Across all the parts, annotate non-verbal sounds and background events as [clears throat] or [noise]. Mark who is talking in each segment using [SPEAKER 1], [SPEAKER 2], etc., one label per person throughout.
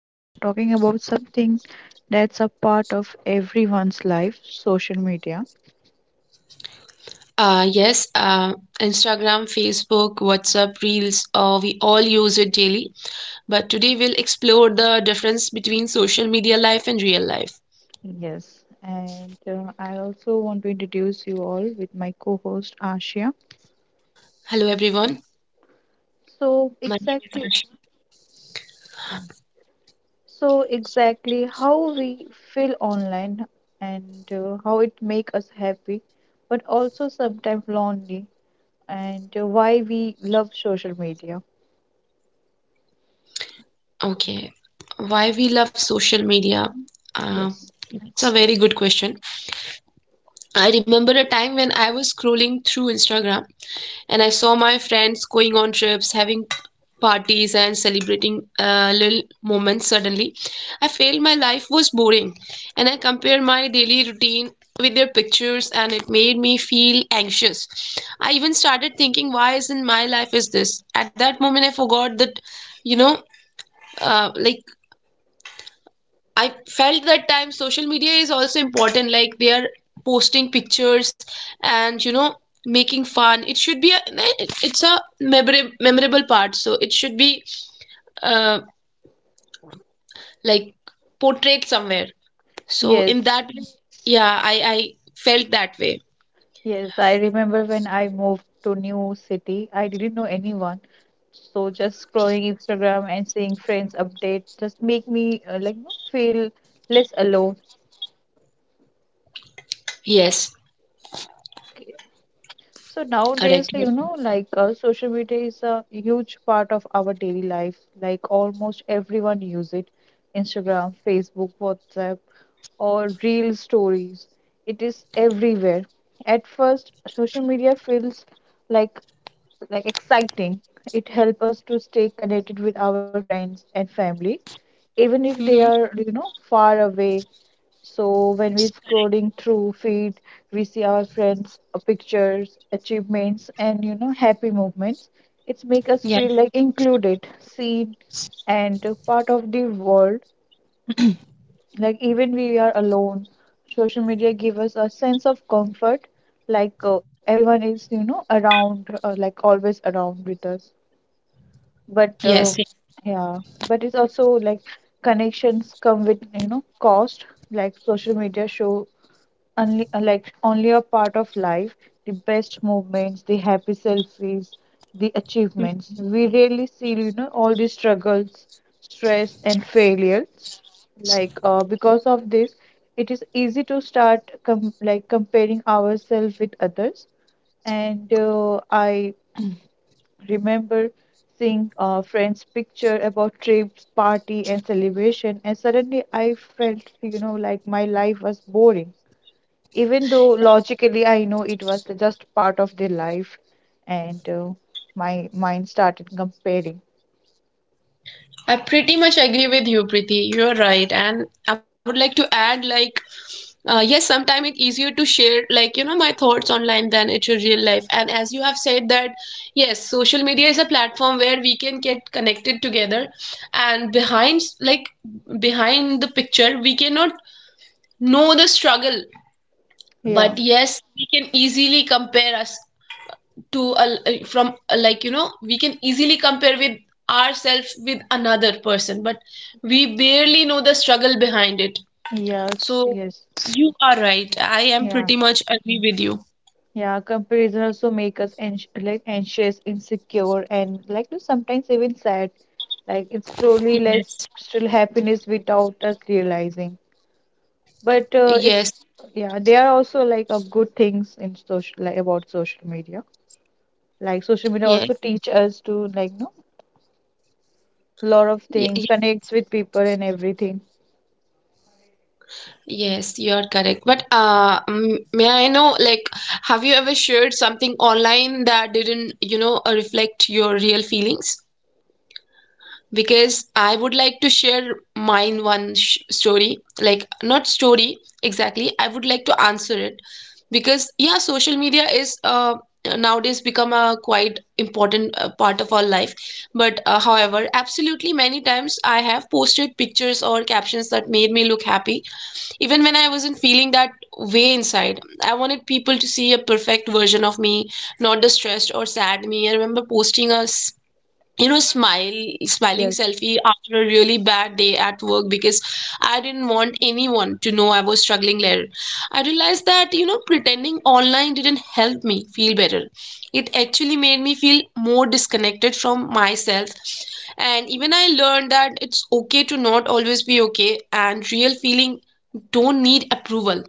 [SPEAKER 1] We are talking about something that's a part of everyone's life social media.
[SPEAKER 2] Yes, Instagram, Facebook, WhatsApp, Reels, we all use it daily. But today we'll explore the difference between social media life and real life.
[SPEAKER 1] Yes, and I also want to introduce you all with my co host Ashia.
[SPEAKER 2] Hello, everyone.
[SPEAKER 1] So,
[SPEAKER 2] My name is
[SPEAKER 1] exactly,
[SPEAKER 2] Ashma.
[SPEAKER 1] uh, so exactly how we feel online and how it make us happy, but also sometimes lonely, and why we love social media.
[SPEAKER 2] Okay, why we love social media? Uh,
[SPEAKER 1] Yes,
[SPEAKER 2] that's a very good question. I remember a time when I was scrolling through Instagram, and I saw my friends going on trips, having parties, and celebrating little moments. Suddenly, I felt my life was boring, and I compared my daily routine with their pictures, and it made me feel anxious. I even started thinking, why isn't my life is this? At that moment, I forgot that, you know, uh, like I felt that time social media is also important. Like they are posting pictures and making fun. It should be a it's a memorable part. So it should be uh, like portrayed somewhere. So in
[SPEAKER 1] yes.
[SPEAKER 2] that way, yeah, I felt that way.
[SPEAKER 1] Yes, I remember when I moved to new city, I didn't know anyone. So just scrolling Instagram and seeing friends update just make me feel less alone.
[SPEAKER 2] Yes,
[SPEAKER 1] So
[SPEAKER 2] correct.
[SPEAKER 1] nowadays, social media is a huge part of our daily life. Like almost everyone use it. Instagram, Facebook, WhatsApp, or real stories. It is everywhere. At first, social media feels like like exciting. It helps us to stay connected with our friends and family, even if they
[SPEAKER 2] Mm-hmm.
[SPEAKER 1] are, far away. So when we're scrolling through feed, we see our friends' pictures, achievements, and happy moments. It's make us feel
[SPEAKER 2] Yes,
[SPEAKER 1] like included, seen, and a part of the world. Like even we are alone, social media give us a sense of comfort. Like everyone is, around, like always around with us but
[SPEAKER 2] yes.
[SPEAKER 1] yeah but it's also like connections come with cost, like social media show only like only a part of life, the best moments, the happy selfies, the achievements.
[SPEAKER 2] Yes.
[SPEAKER 1] We rarely see all the struggles, stress and failures. Because of this, it is easy to start like comparing ourselves with others, and I [clears throat] remember seeing a friend's picture about trips, party, and celebration, and suddenly I felt, like my life was boring. Even though logically I know it was the just part of their life, and my mind started comparing.
[SPEAKER 2] I pretty much agree with you, Preeti. You're right. And I would like to add, yes, sometimes it's easier to share, my thoughts online than it's your real life. And as you have said that, yes, social media is a platform where we can get connected together. And behind, behind the picture, we cannot know the struggle.
[SPEAKER 1] Yeah.
[SPEAKER 2] But yes, we can easily compare us to, a, from, a, we can easily compare with ourselves with another person. But we barely know the struggle behind it.
[SPEAKER 1] Yes.
[SPEAKER 2] So
[SPEAKER 1] Yes.
[SPEAKER 2] you are right. I am
[SPEAKER 1] Yeah.
[SPEAKER 2] pretty much agree with you.
[SPEAKER 1] Yeah. Comparison also make us like anxious, insecure, and like sometimes even sad. Like it slowly
[SPEAKER 2] Yes.
[SPEAKER 1] leads to happiness without us realizing. But uh,
[SPEAKER 2] Yes,
[SPEAKER 1] it's yeah, there are also like a good things in social like about social media. Like social media also
[SPEAKER 2] yes,
[SPEAKER 1] teach us to like no lot of
[SPEAKER 2] y
[SPEAKER 1] things,
[SPEAKER 2] yes,
[SPEAKER 1] connects with people and everything.
[SPEAKER 2] yes, you are correct. But may I know, like, have you ever shared something online that didn't, reflect your real feelings? Because I would like to share mine one story, like not story exactly. I would like to answer it because, yeah, social media is nowadays become a quite important part of our life. But however, absolutely many times I have posted pictures or captions that made me look happy, even when I wasn't feeling that way inside. I wanted people to see a perfect version of me, not the stressed or sad me. I remember posting a s- you know smile smiling
[SPEAKER 1] Yes,
[SPEAKER 2] selfie after a really bad day at work because I didn't want anyone to know I was struggling. Later I realized that, pretending online didn't help me feel better. It actually made me feel more disconnected from myself. And even I learned that it's okay to not always be okay, and real feeling don't need approval.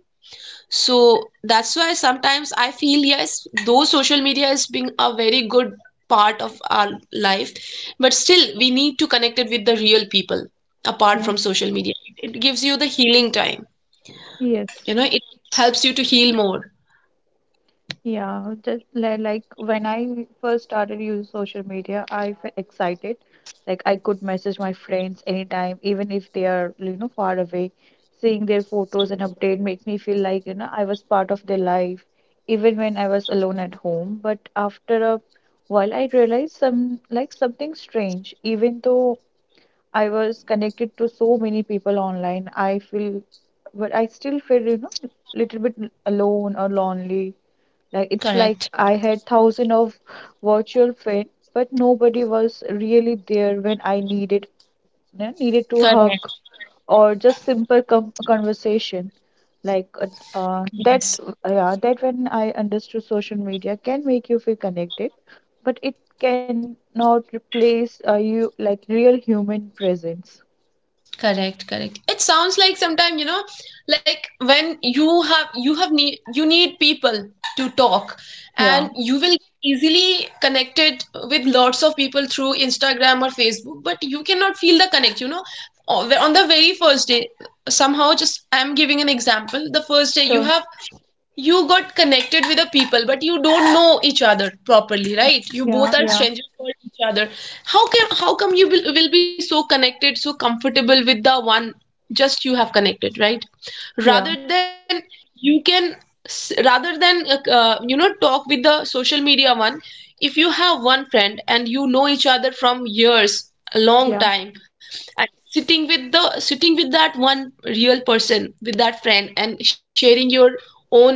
[SPEAKER 2] So that's why sometimes I feel, yes, though social media is being a very good part of our life, but still we need to connect it with the real people apart from
[SPEAKER 1] yes,
[SPEAKER 2] social media. It gives you the healing time. You
[SPEAKER 1] yes.
[SPEAKER 2] know, it helps you to heal more.
[SPEAKER 1] Yeah, like when I first started using social media, I felt excited. Like I could message my friends anytime, even if they are, far away. Seeing their photos and update make me feel like, I was part of their life, even when I was alone at home. But after a while, I realized something strange. Even though I was connected to so many people online, I still feel, little bit alone or lonely. Like it's like
[SPEAKER 2] Correct.
[SPEAKER 1] I had thousand of virtual friends, but nobody was really there when I needed, needed to hug
[SPEAKER 2] Correct.
[SPEAKER 1] or just simple com conversation. Like uh, uh, that,
[SPEAKER 2] Yes.
[SPEAKER 1] yeah, that when I understood social media can make you feel connected, but it cannot replace you like real human presence.
[SPEAKER 2] Correct, correct, it sounds like sometime, like when you have need you need people to talk,
[SPEAKER 1] Yeah,
[SPEAKER 2] and you will easily connected with lots of people through Instagram or Facebook, but you cannot feel the connect, on the very first day. Somehow, just, I'm giving an example, the first day
[SPEAKER 1] sure.
[SPEAKER 2] you got connected with the people, but you don't know each other properly, right? You
[SPEAKER 1] Yeah,
[SPEAKER 2] both are
[SPEAKER 1] yeah,
[SPEAKER 2] strangers for each other. How come you will be so connected, so comfortable with the one just you have connected, right?
[SPEAKER 1] yeah,
[SPEAKER 2] Rather than you can s- rather than you know talk with the social media one. If you have one friend and you know each other from years, a
[SPEAKER 1] yeah.
[SPEAKER 2] long time, and sitting with that one real person, with that friend, and sharing your own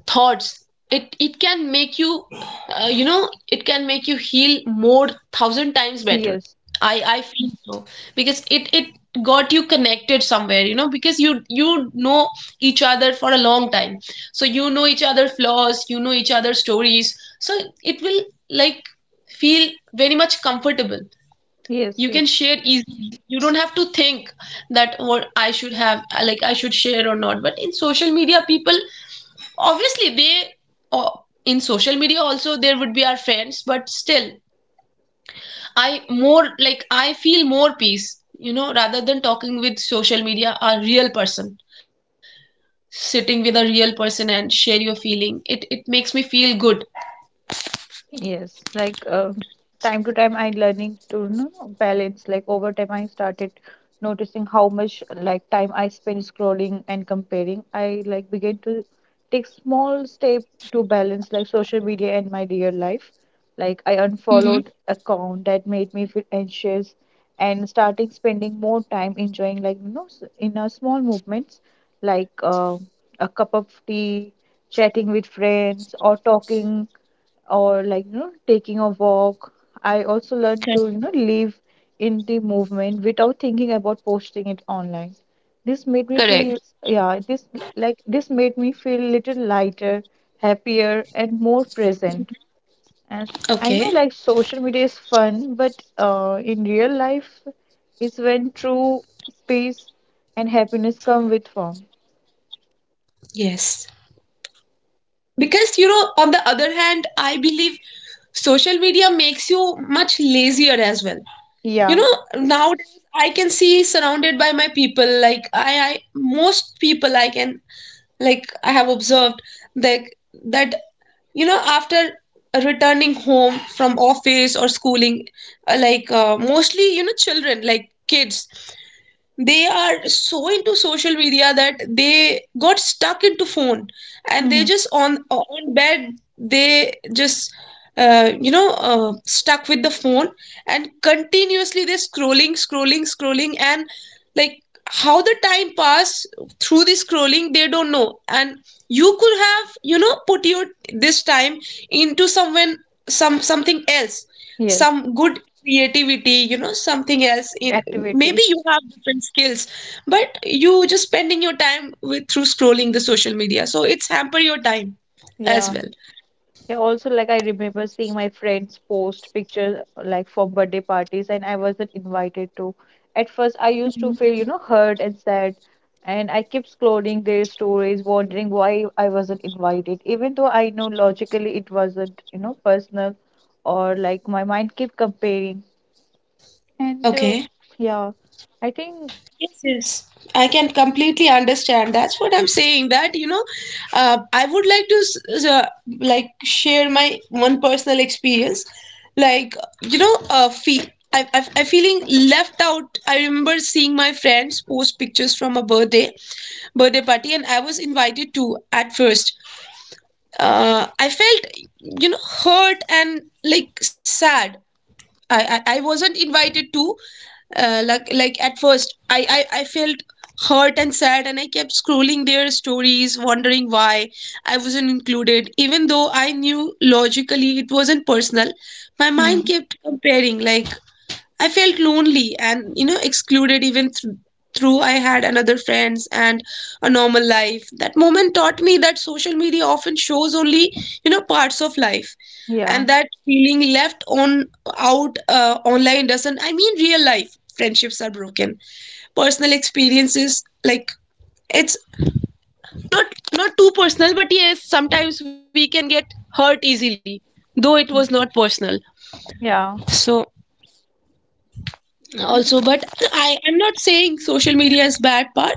[SPEAKER 2] thoughts, it can make you, you know it can make you heal more, thousand times better.
[SPEAKER 1] Yes,
[SPEAKER 2] I feel so, because it got you connected somewhere, because you know each other for a long time, so you know each other flaws, you know each other stories, so it will, like feel very much comfortable.
[SPEAKER 1] yes,
[SPEAKER 2] You can
[SPEAKER 1] yes.
[SPEAKER 2] share easily. You don't have to think that what I should have, I should share or not. But in social media, people, obviously they, oh, in social media also there would be our friends, but still, I more I feel more peace, rather than talking with social media, a real person, sitting with a real person, and share your feeling, it makes me feel good.
[SPEAKER 1] Yes, time to time I learning to balance. Like over time I started noticing how much like time I spend scrolling and comparing. I like began to take small step to balance like social media and my real life. Like I
[SPEAKER 2] Mm-hmm.
[SPEAKER 1] unfollowed account that made me feel anxious and starting spending more time enjoying in a small movements like a cup of tea, chatting with friends or talking or taking a walk. I also learned to
[SPEAKER 2] Correct.
[SPEAKER 1] live in the movement without thinking about posting it online. This made me feel
[SPEAKER 2] Correct.
[SPEAKER 1] yeah this this made me feel little lighter, happier and more present. I know
[SPEAKER 2] Okay.
[SPEAKER 1] like social media is fun but in real life is when true peace and happiness come with form.
[SPEAKER 2] Yes. Because, on the other hand, I believe social media makes you much lazier as well. You
[SPEAKER 1] Yeah.
[SPEAKER 2] know, nowadays I can see surrounded by my people. Like I most people I can, I have observed that that after returning home from office or schooling, mostly, children, like kids, they are so into social media that they got stuck into phone, and they
[SPEAKER 1] Hmm.
[SPEAKER 2] just on bed. They just, stuck with the phone, and continuously they're scrolling, scrolling, scrolling, and, like how the time pass through the scrolling, they don't know. And you could have, put your this time into someone, some something else,
[SPEAKER 1] Yes.
[SPEAKER 2] some good creativity, something else in, maybe
[SPEAKER 1] Activities.
[SPEAKER 2] you have different skills, but you just spending your time with through scrolling the social media, so it's hamper your time as
[SPEAKER 1] Yeah.
[SPEAKER 2] well.
[SPEAKER 1] Yeah, also like I remember seeing my friends post pictures like for birthday parties and I wasn't invited to. At first I used
[SPEAKER 2] Mhm.
[SPEAKER 1] to feel, hurt and sad, and I kept scrolling their stories, wondering why I wasn't invited. Even though I know logically it wasn't, personal, or like my mind kept comparing. And uh,
[SPEAKER 2] Okay.
[SPEAKER 1] yeah, I think.
[SPEAKER 2] Yes, yes. I can completely understand. That's what I'm saying. That, I would like to share my one personal experience. Like, you know, fe I feeling left out. I remember seeing my friends post pictures from a birthday party, and I was invited to at first. I felt, you know, hurt and sad. I wasn't invited to. At first, I felt hurt and sad, and I kept scrolling their stories, wondering why I wasn't included. Even though I knew logically it wasn't personal, my
[SPEAKER 1] Hmm.
[SPEAKER 2] mind kept comparing. Like I felt lonely and excluded, even through I had another friends and a normal life. That moment taught me that social media often shows only, parts of life,
[SPEAKER 1] Yeah.
[SPEAKER 2] and that feeling left on out, online doesn't. I mean, real life friendships are broken. Personal experiences, it's not, too personal, but yes, sometimes we can get hurt easily, though it was not personal.
[SPEAKER 1] Yeah.
[SPEAKER 2] So
[SPEAKER 1] And
[SPEAKER 2] also but I am not saying social media is bad part,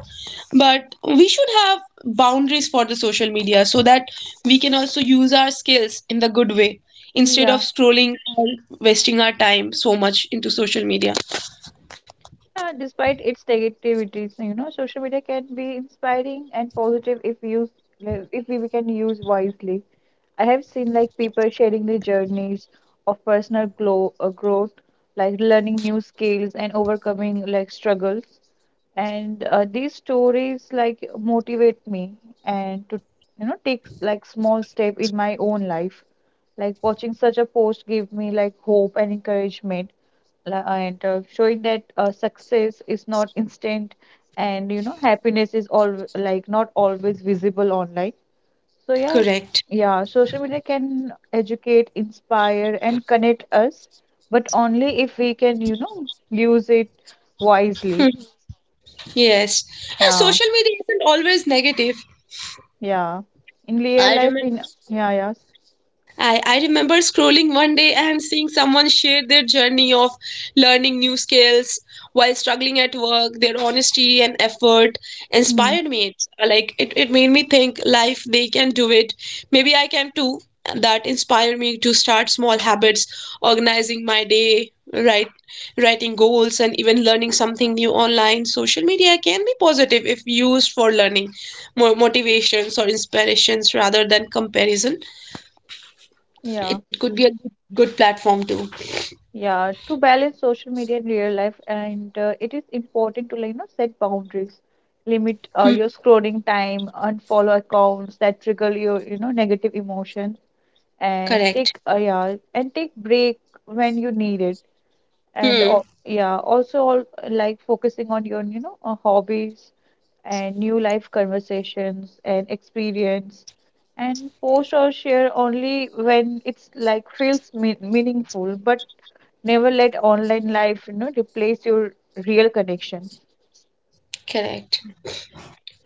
[SPEAKER 2] but we should have boundaries for the social media so that we can also use our skills in the good way, instead of
[SPEAKER 1] yeah.
[SPEAKER 2] scrolling or wasting our time so much into social media.
[SPEAKER 1] Yeah, despite its negativities, social media can be inspiring and positive if used like, if we we can use wisely. I have seen like people sharing their journeys of personal growth, like learning new skills and overcoming like struggles. And these stories like motivate me and to take like small step in my own life. Like watching such a post give me like hope and encouragement. La- and Showing that success is not instant and happiness is all like not always visible online. so yeah s-
[SPEAKER 2] Correct.
[SPEAKER 1] yeah, social media can educate, inspire and connect us but only if we can use it wisely.
[SPEAKER 2] Yes. Yeah,
[SPEAKER 1] Yeah.
[SPEAKER 2] social media isn't always negative.
[SPEAKER 1] Yeah in real
[SPEAKER 2] i
[SPEAKER 1] life
[SPEAKER 2] remember
[SPEAKER 1] in. Yeah yes.
[SPEAKER 2] I remember scrolling one day and seeing someone share their journey of learning new skills while struggling at work. Their honesty and effort
[SPEAKER 1] Hmm.
[SPEAKER 2] inspired me. It's it made me think life they can do it. Maybe I can too. That inspired me to start small habits, organizing my day, right, writing goals, and even learning something new online. Social media can be positive if used for learning, more motivations or inspirations rather than comparison.
[SPEAKER 1] Yeah.
[SPEAKER 2] It could be a good platform too.
[SPEAKER 1] Yeah, to balance social media and real life, and it is important to set boundaries, limit
[SPEAKER 2] Hmm.
[SPEAKER 1] your scrolling time, unfollow accounts that trigger your negative emotion, and take
[SPEAKER 2] Correct.
[SPEAKER 1] yeah and take break when you need it, and
[SPEAKER 2] Hmm.
[SPEAKER 1] al- yeah also all, like focusing on your hobbies and new life conversations and experience, and post or share only when it's like feels meaningful, but never let online life, replace your real connection.
[SPEAKER 2] Correct.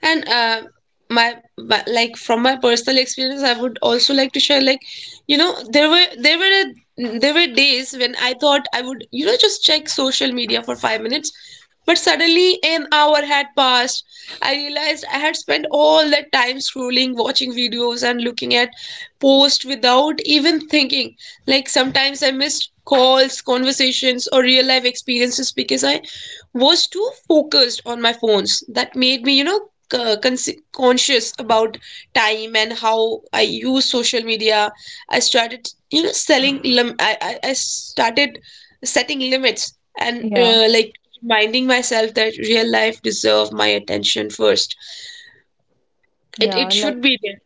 [SPEAKER 2] And my, my from my personal experience, I would also like to share, there were, there were days when I thought I would, just check social media for 5 minutes, but suddenly an hour had passed. I realized I had spent all that time scrolling, watching videos, and looking at posts without even thinking. Like sometimes I missed calls, conversations, or real life experiences because I was too focused on my phones. That made me, conscious about time and how I use social media. I started, you know, selling lim- I started setting limits and,
[SPEAKER 1] Yeah,
[SPEAKER 2] reminding myself that real life deserve my attention first. It
[SPEAKER 1] yeah,
[SPEAKER 2] it
[SPEAKER 1] like
[SPEAKER 2] should be there.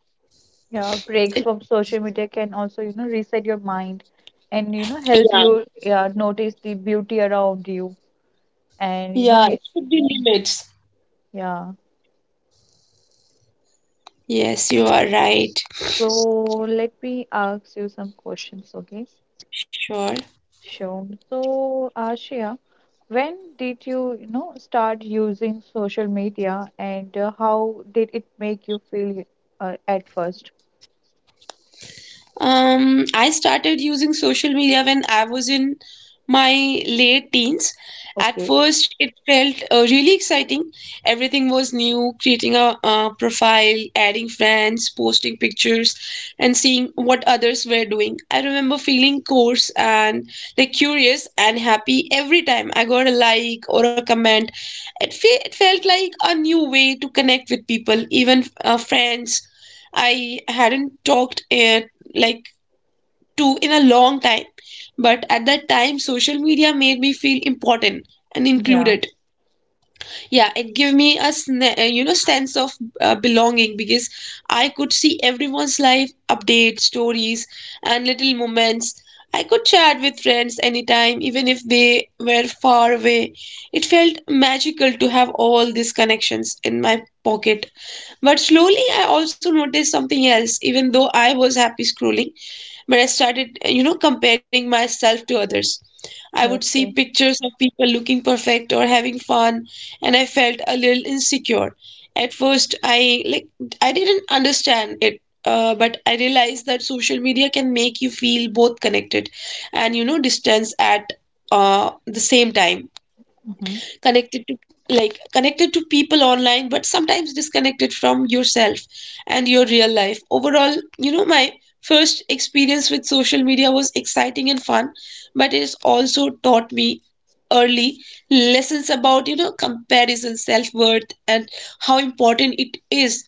[SPEAKER 1] yeah, Breaks
[SPEAKER 2] It-
[SPEAKER 1] from social media can also, reset your mind and you know help
[SPEAKER 2] yeah,
[SPEAKER 1] you yeah notice the beauty around you and you know
[SPEAKER 2] yeah,
[SPEAKER 1] y-
[SPEAKER 2] it should be limits.
[SPEAKER 1] yeah.
[SPEAKER 2] Yes, you are right.
[SPEAKER 1] So let me ask you some questions, okay?
[SPEAKER 2] Sure.
[SPEAKER 1] Sure. So, Ashia, when did you, start using social media and how did it make you feel at first?
[SPEAKER 2] I started using social media when I was in my late teens. At
[SPEAKER 1] Okay.
[SPEAKER 2] first, it felt really exciting. Everything was new, creating a profile, adding friends, posting pictures, and seeing what others were doing. I remember feeling coarse and curious and happy every time I got a like or a comment. It felt like a new way to connect with people, even friends I hadn't talked it like to in a long time, but at that time, social media made me feel important and
[SPEAKER 1] Yeah.
[SPEAKER 2] included, yeah. It gave me a sense of belonging because I could see everyone's life updates, stories, and little moments. I could chat with friends anytime even if they were far away. It felt magical to have all these connections in my pocket. But slowly I also noticed something else. Even though I was happy scrolling, but I started, you know, comparing myself to others. I would see
[SPEAKER 1] Okay.
[SPEAKER 2] pictures of people looking perfect or having fun, and I felt a little insecure. At first, I I didn't understand it, but I realized that social media can make you feel both connected and, you know, distance at the same time.
[SPEAKER 1] Hmm.
[SPEAKER 2] connected to Connected to people online but sometimes disconnected from yourself and your real life. Overall, you know, my first experience with social media was exciting and fun, but it's also taught me early lessons about, you know, comparison, self-worth, and how important it is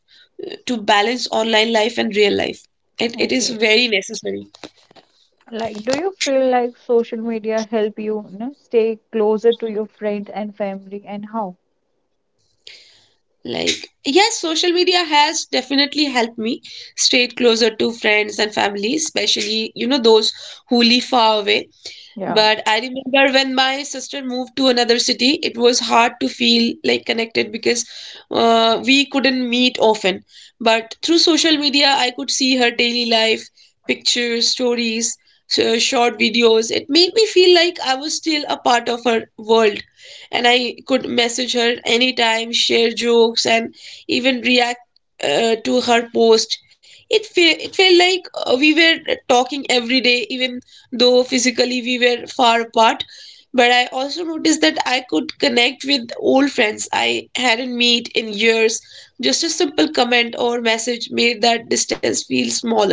[SPEAKER 2] to balance online life and real life. It is
[SPEAKER 1] Okay.
[SPEAKER 2] very necessary.
[SPEAKER 1] Like, do you feel like social media help you, stay closer to your friends and family, and how?
[SPEAKER 2] Like, yes, social media has definitely helped me stay closer to friends and family, especially, you know, those who live far away.
[SPEAKER 1] Yeah,
[SPEAKER 2] But I remember when my sister moved to another city, it was hard to feel like connected because we couldn't meet often. But through social media, I could see her daily life, pictures, stories, so short videos. It made me feel like I was still a part of her world. And I could message her anytime, share jokes, and even react to her post. It felt like we were talking every day, even though physically we were far apart. But I also noticed that I could connect with old friends I hadn't met in years. Just a simple comment or message made that distance feel smaller.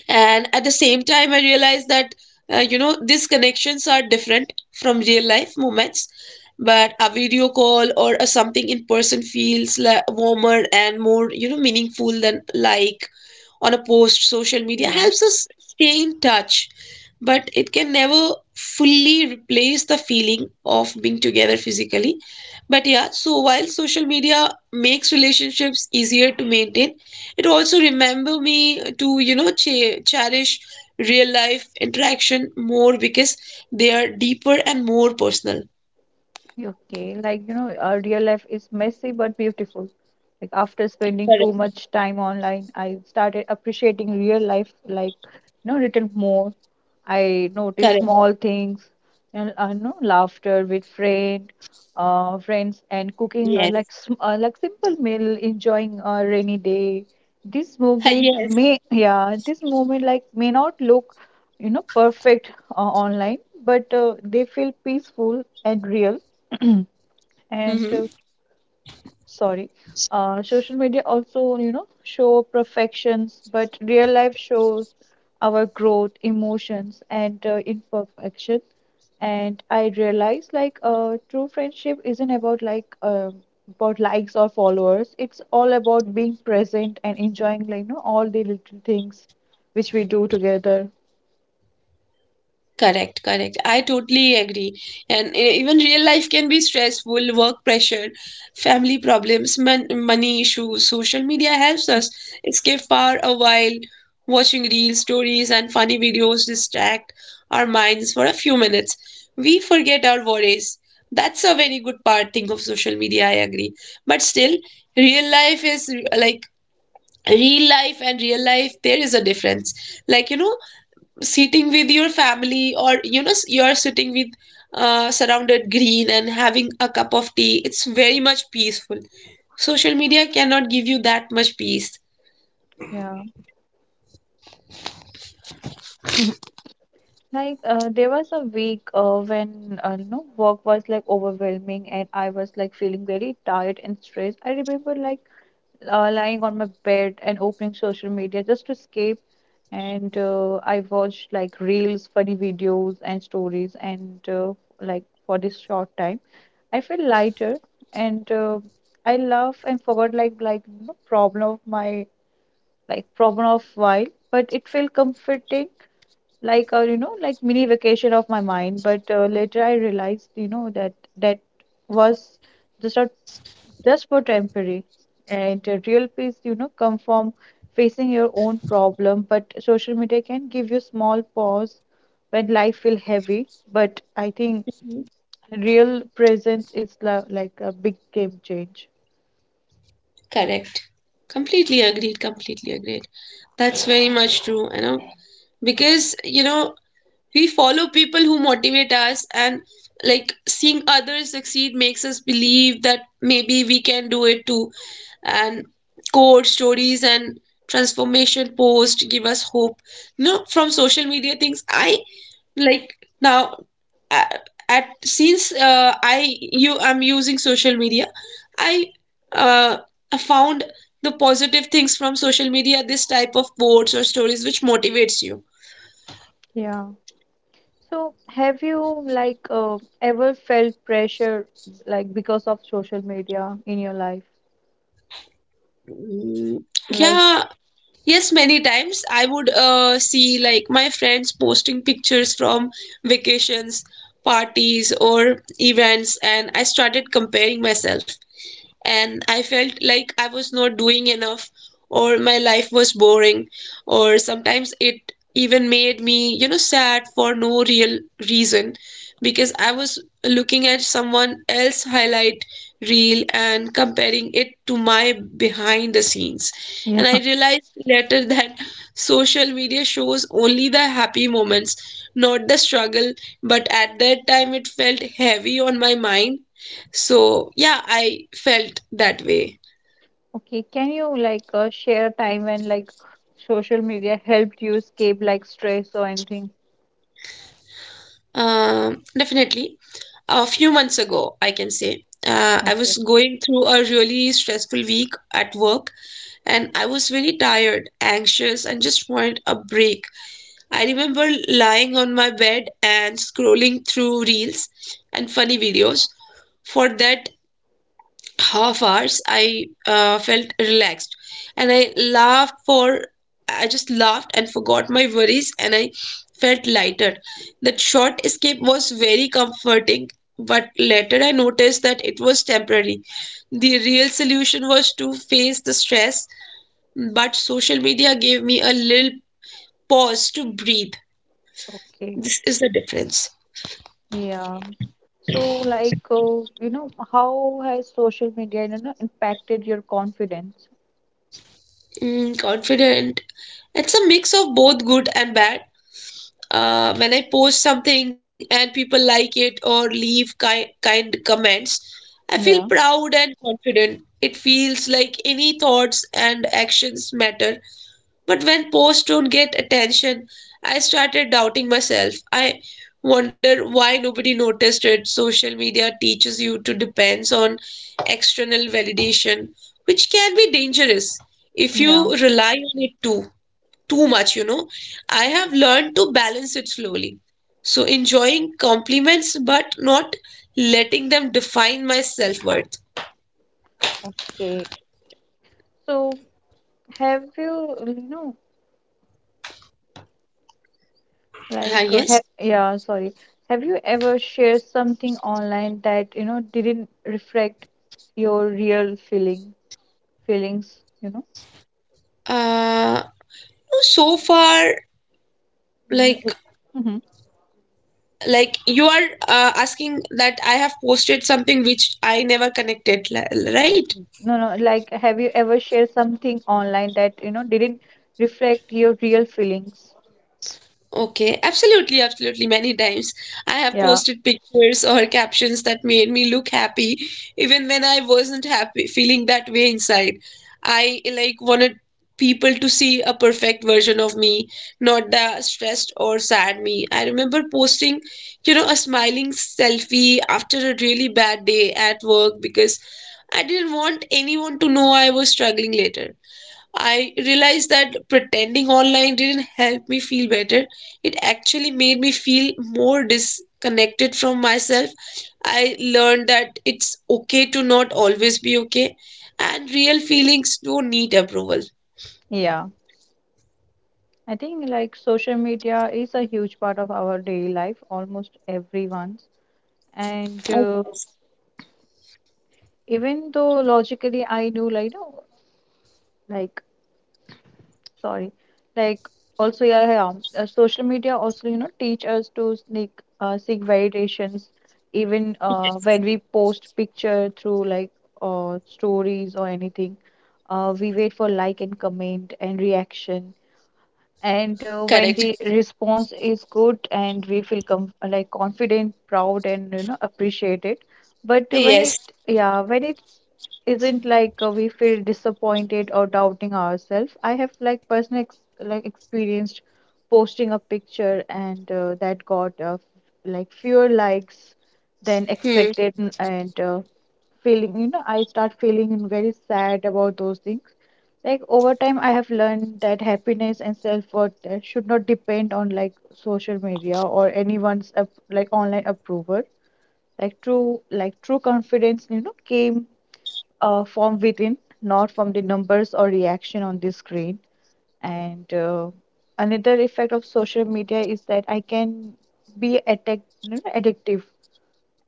[SPEAKER 2] And at the same time, I realized that, you know, these connections are different from real life moments, but a video call or a something in person feels warmer and more, you know, meaningful than like on a post. Social media
[SPEAKER 1] yeah.
[SPEAKER 2] helps us stay in touch, but it can never fully replace the feeling of being together physically. But yeah, so while social media makes relationships easier to maintain, it also remember me to, you know, cherish real life interaction more because they are deeper and more personal.
[SPEAKER 1] Okay, our real life is messy but beautiful. Like after spending too much time online, I started appreciating real life, little more. I noticed small things, and I know laughter with friends, and cooking
[SPEAKER 2] Yes.
[SPEAKER 1] like simple meal, enjoying a rainy day.
[SPEAKER 2] Yes.
[SPEAKER 1] This moment like may not look, perfect online, but they feel peaceful and real. Mm. and
[SPEAKER 2] Hmm.
[SPEAKER 1] sorry Social media also show perfections but real life shows our growth, emotions and imperfection. And I realize true friendship isn't about likes or followers. It's all about being present and enjoying all the little things which we do together.
[SPEAKER 2] Correct, correct. I totally agree. And even real life can be stressful, work pressure, family problems, money issues. Social media helps us escape for a while. Watching real stories and funny videos distract our minds for a few minutes. We forget our worries. That's a very good part thing of social media, I agree. But still, real life is like real life, and real life, there is a difference. Like, you know, sitting with your family, or you know, you are sitting with surrounded green and having a cup of tea, it's very much peaceful. Social media cannot give you that much peace.
[SPEAKER 1] Yeah. There was a week when work was like overwhelming and I was like feeling very tired and stressed. I remember lying on my bed and opening social media just to escape. And I watched like reels, funny videos and stories. And like for this short time, I feel lighter and I laugh and forgot like problem of my like problem of while. But it felt comforting like a like mini vacation of my mind. But later I realized that that was just a just for temporary. And real peace come from facing your own problem, but social media can give you small pause when life feel heavy. But I think real presence is like a big game change.
[SPEAKER 2] Correct. Completely agreed, completely agreed. That's very much true, you know, because, you know, we follow people who motivate us, and like seeing others succeed makes us believe that maybe we can do it too. And code stories and transformation posts give us hope. No, from social media things, I, like, now, a- at since I, you, I'm using social media, I, uh, found the positive things from social media. This type of quotes or stories which motivates you.
[SPEAKER 1] Yeah. So have you ever felt pressure like because of social media in your life?
[SPEAKER 2] Mm.
[SPEAKER 1] Like,
[SPEAKER 2] Yeah, yes, many times I would see like my friends posting pictures from vacations, parties, or events, and I started comparing myself, and I felt like I was not doing enough, or my life was boring, or sometimes it even made me, you know, sad for no real reason because I was looking at someone else highlight reel and comparing it to my behind the scenes. And
[SPEAKER 1] yeah,
[SPEAKER 2] I realized later [laughs] that social media shows only the happy moments, not the struggle. But at that time, it felt heavy on my mind, so, yeah, I felt that way.
[SPEAKER 1] [laughs] okay. Can you share a time when like social media helped you escape like stress or anything?
[SPEAKER 2] Definitely. A few months ago, I can say, I
[SPEAKER 1] Okay,
[SPEAKER 2] was going through a really stressful week at work, and I was very tired, anxious, and just wanted a break. I remember lying on my bed and scrolling through reels and funny videos. For that half hours I felt relaxed, and I just laughed and forgot my worries, and I felt lighter. That short escape was very comforting, but later I noticed that it was temporary. The real solution was to face the stress, but social media gave me a little pause to breathe.
[SPEAKER 1] okay,
[SPEAKER 2] This is the difference.
[SPEAKER 1] yeah. So, how has social media, impacted your confidence?
[SPEAKER 2] Mm, confident. It's a mix of both good and bad. When I post something and people like it or leave kind comments, I feel
[SPEAKER 1] Yeah,
[SPEAKER 2] proud and confident. It feels like any thoughts and actions matter. But when posts don't get attention, I started doubting myself. I wonder why nobody noticed it. Social media teaches you to depend on external validation, which can be dangerous if you
[SPEAKER 1] yeah,
[SPEAKER 2] rely on it too too much, you know. I have learned to balance it slowly. So, enjoying compliments but not letting them define my self-worth.
[SPEAKER 1] okay. So, have you, you know,
[SPEAKER 2] Ah,
[SPEAKER 1] like, ha
[SPEAKER 2] yes.
[SPEAKER 1] yeah, sorry, have you ever shared something online that, didn't reflect your real feeling feelings,
[SPEAKER 2] Uh, so far,
[SPEAKER 1] No,
[SPEAKER 2] like,
[SPEAKER 1] mhm.
[SPEAKER 2] you are, asking that I have posted something which I never connected, right?
[SPEAKER 1] No, no, like have you ever shared something online that, didn't reflect your real feelings?
[SPEAKER 2] Okay, absolutely, absolutely. Many times I have
[SPEAKER 1] Yeah,
[SPEAKER 2] posted pictures or captions that made me look happy, even when I wasn't happy, feeling that way inside. I like wanted people to see a perfect version of me, not the stressed or sad me. I remember posting, you know, a smiling selfie after a really bad day at work because I didn't want anyone to know I was struggling later. I realized that pretending online didn't help me feel better. It actually made me feel more disconnected from myself. I learned that it's okay to not always be okay, and real feelings don't need approval.
[SPEAKER 1] yeah. I think like social media is a huge part of our daily life, almost everyone's. And even though logically I knew like, like sorry like also yeah, yeah social media also teach us to sneak seek validations. Even when we post picture through stories or anything, we wait for like and comment and reaction. And when
[SPEAKER 2] Correct.
[SPEAKER 1] the response is good and we feel like confident, proud and appreciated, but when
[SPEAKER 2] Yes.
[SPEAKER 1] it yeah when it's not like, we feel disappointed or doubting ourselves. I have like personal like experienced posting a picture and that got like fewer likes than
[SPEAKER 2] Hmm.
[SPEAKER 1] expected, feeling I start feeling very sad about those things. Like over time, I have learned that happiness and self-worth should not depend on like social media or like online approval. Like true confidence, came from within, not from the numbers or reaction on the screen. And another effect of social media is that I can be addictive.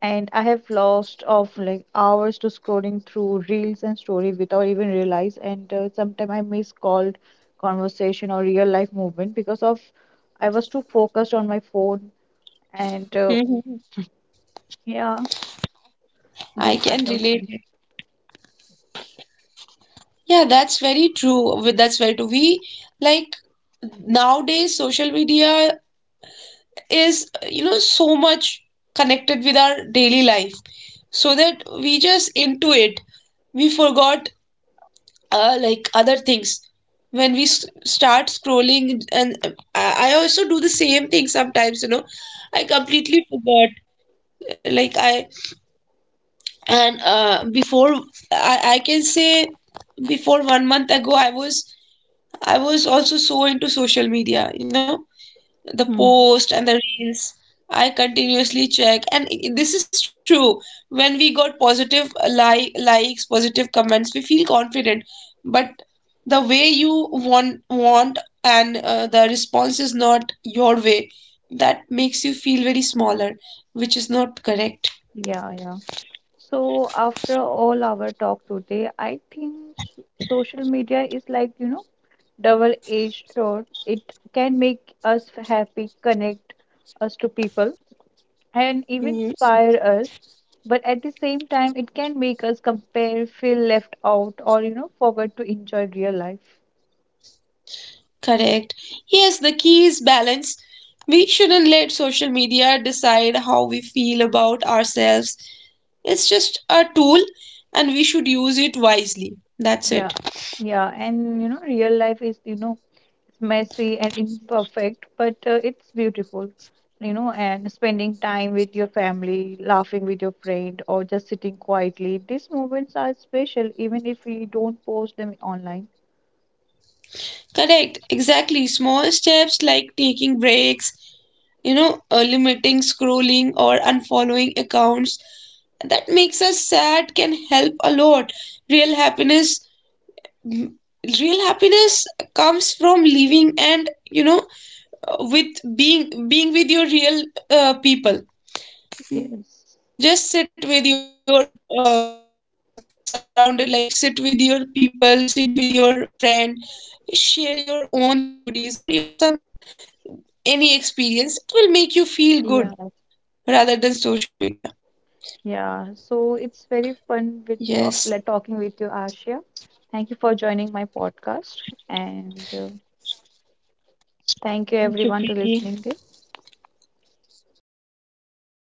[SPEAKER 1] And I have lost of like hours to scrolling through reels and story without even realize. And sometimes I miss called conversation or real life movement because of I was too focused on my phone and
[SPEAKER 2] Hmm.
[SPEAKER 1] yeah,
[SPEAKER 2] I
[SPEAKER 1] those
[SPEAKER 2] can
[SPEAKER 1] kind of
[SPEAKER 2] relate.
[SPEAKER 1] things.
[SPEAKER 2] Yeah, that's very true. With that's very true. We, like, nowadays social media is, you know, so much connected with our daily life, so that we just into it, we forgot like other things when we start scrolling. And I also do the same thing sometimes, you know, I completely forgot, like I and before I can say before 1 month ago I was also so into social media, you know, the
[SPEAKER 1] Mhm.
[SPEAKER 2] post and the reels. I continuously check, and this is true. When we got positive like, likes, positive comments, we feel confident, but the way you want, and the response is not your way, that makes you feel very smaller, which is not correct.
[SPEAKER 1] Yeah, yeah. So, after all our talk today, I think social media is like, double edged sword. It can make us happy, connect us to people, and even
[SPEAKER 2] Mhm.
[SPEAKER 1] inspire us. But at the same time, it can make us compare, feel left out, or, forget to enjoy real life.
[SPEAKER 2] Correct. Yes, the key is balance. We shouldn't let social media decide how we feel about ourselves. It's just a tool, and we should use it wisely. That's
[SPEAKER 1] Yeah,
[SPEAKER 2] it.
[SPEAKER 1] yeah, and real life is it's messy and imperfect, but it's beautiful, And spending time with your family, laughing with your friend, or just sitting quietly, these moments are special, even if we don't post them online.
[SPEAKER 2] Correct. Exactly. Small steps like taking breaks, you know, limiting scrolling or unfollowing accounts that makes us sad can help a lot. Real happiness, real happiness comes from living and, you know, with being with your real people.
[SPEAKER 1] Yes,
[SPEAKER 2] Just sit with your uh, surrounded like sit with your people, sit with your friend, share your own stories or your some any experience, it will make you feel
[SPEAKER 1] yeah,
[SPEAKER 2] good rather than social media.
[SPEAKER 1] yeah. So it's very fun with talk,
[SPEAKER 2] Yes,
[SPEAKER 1] like, talking with you, Ashia. Thank you for joining my podcast, and thank you
[SPEAKER 2] thank
[SPEAKER 1] everyone to
[SPEAKER 2] you,
[SPEAKER 1] listening this.
[SPEAKER 2] Preeti.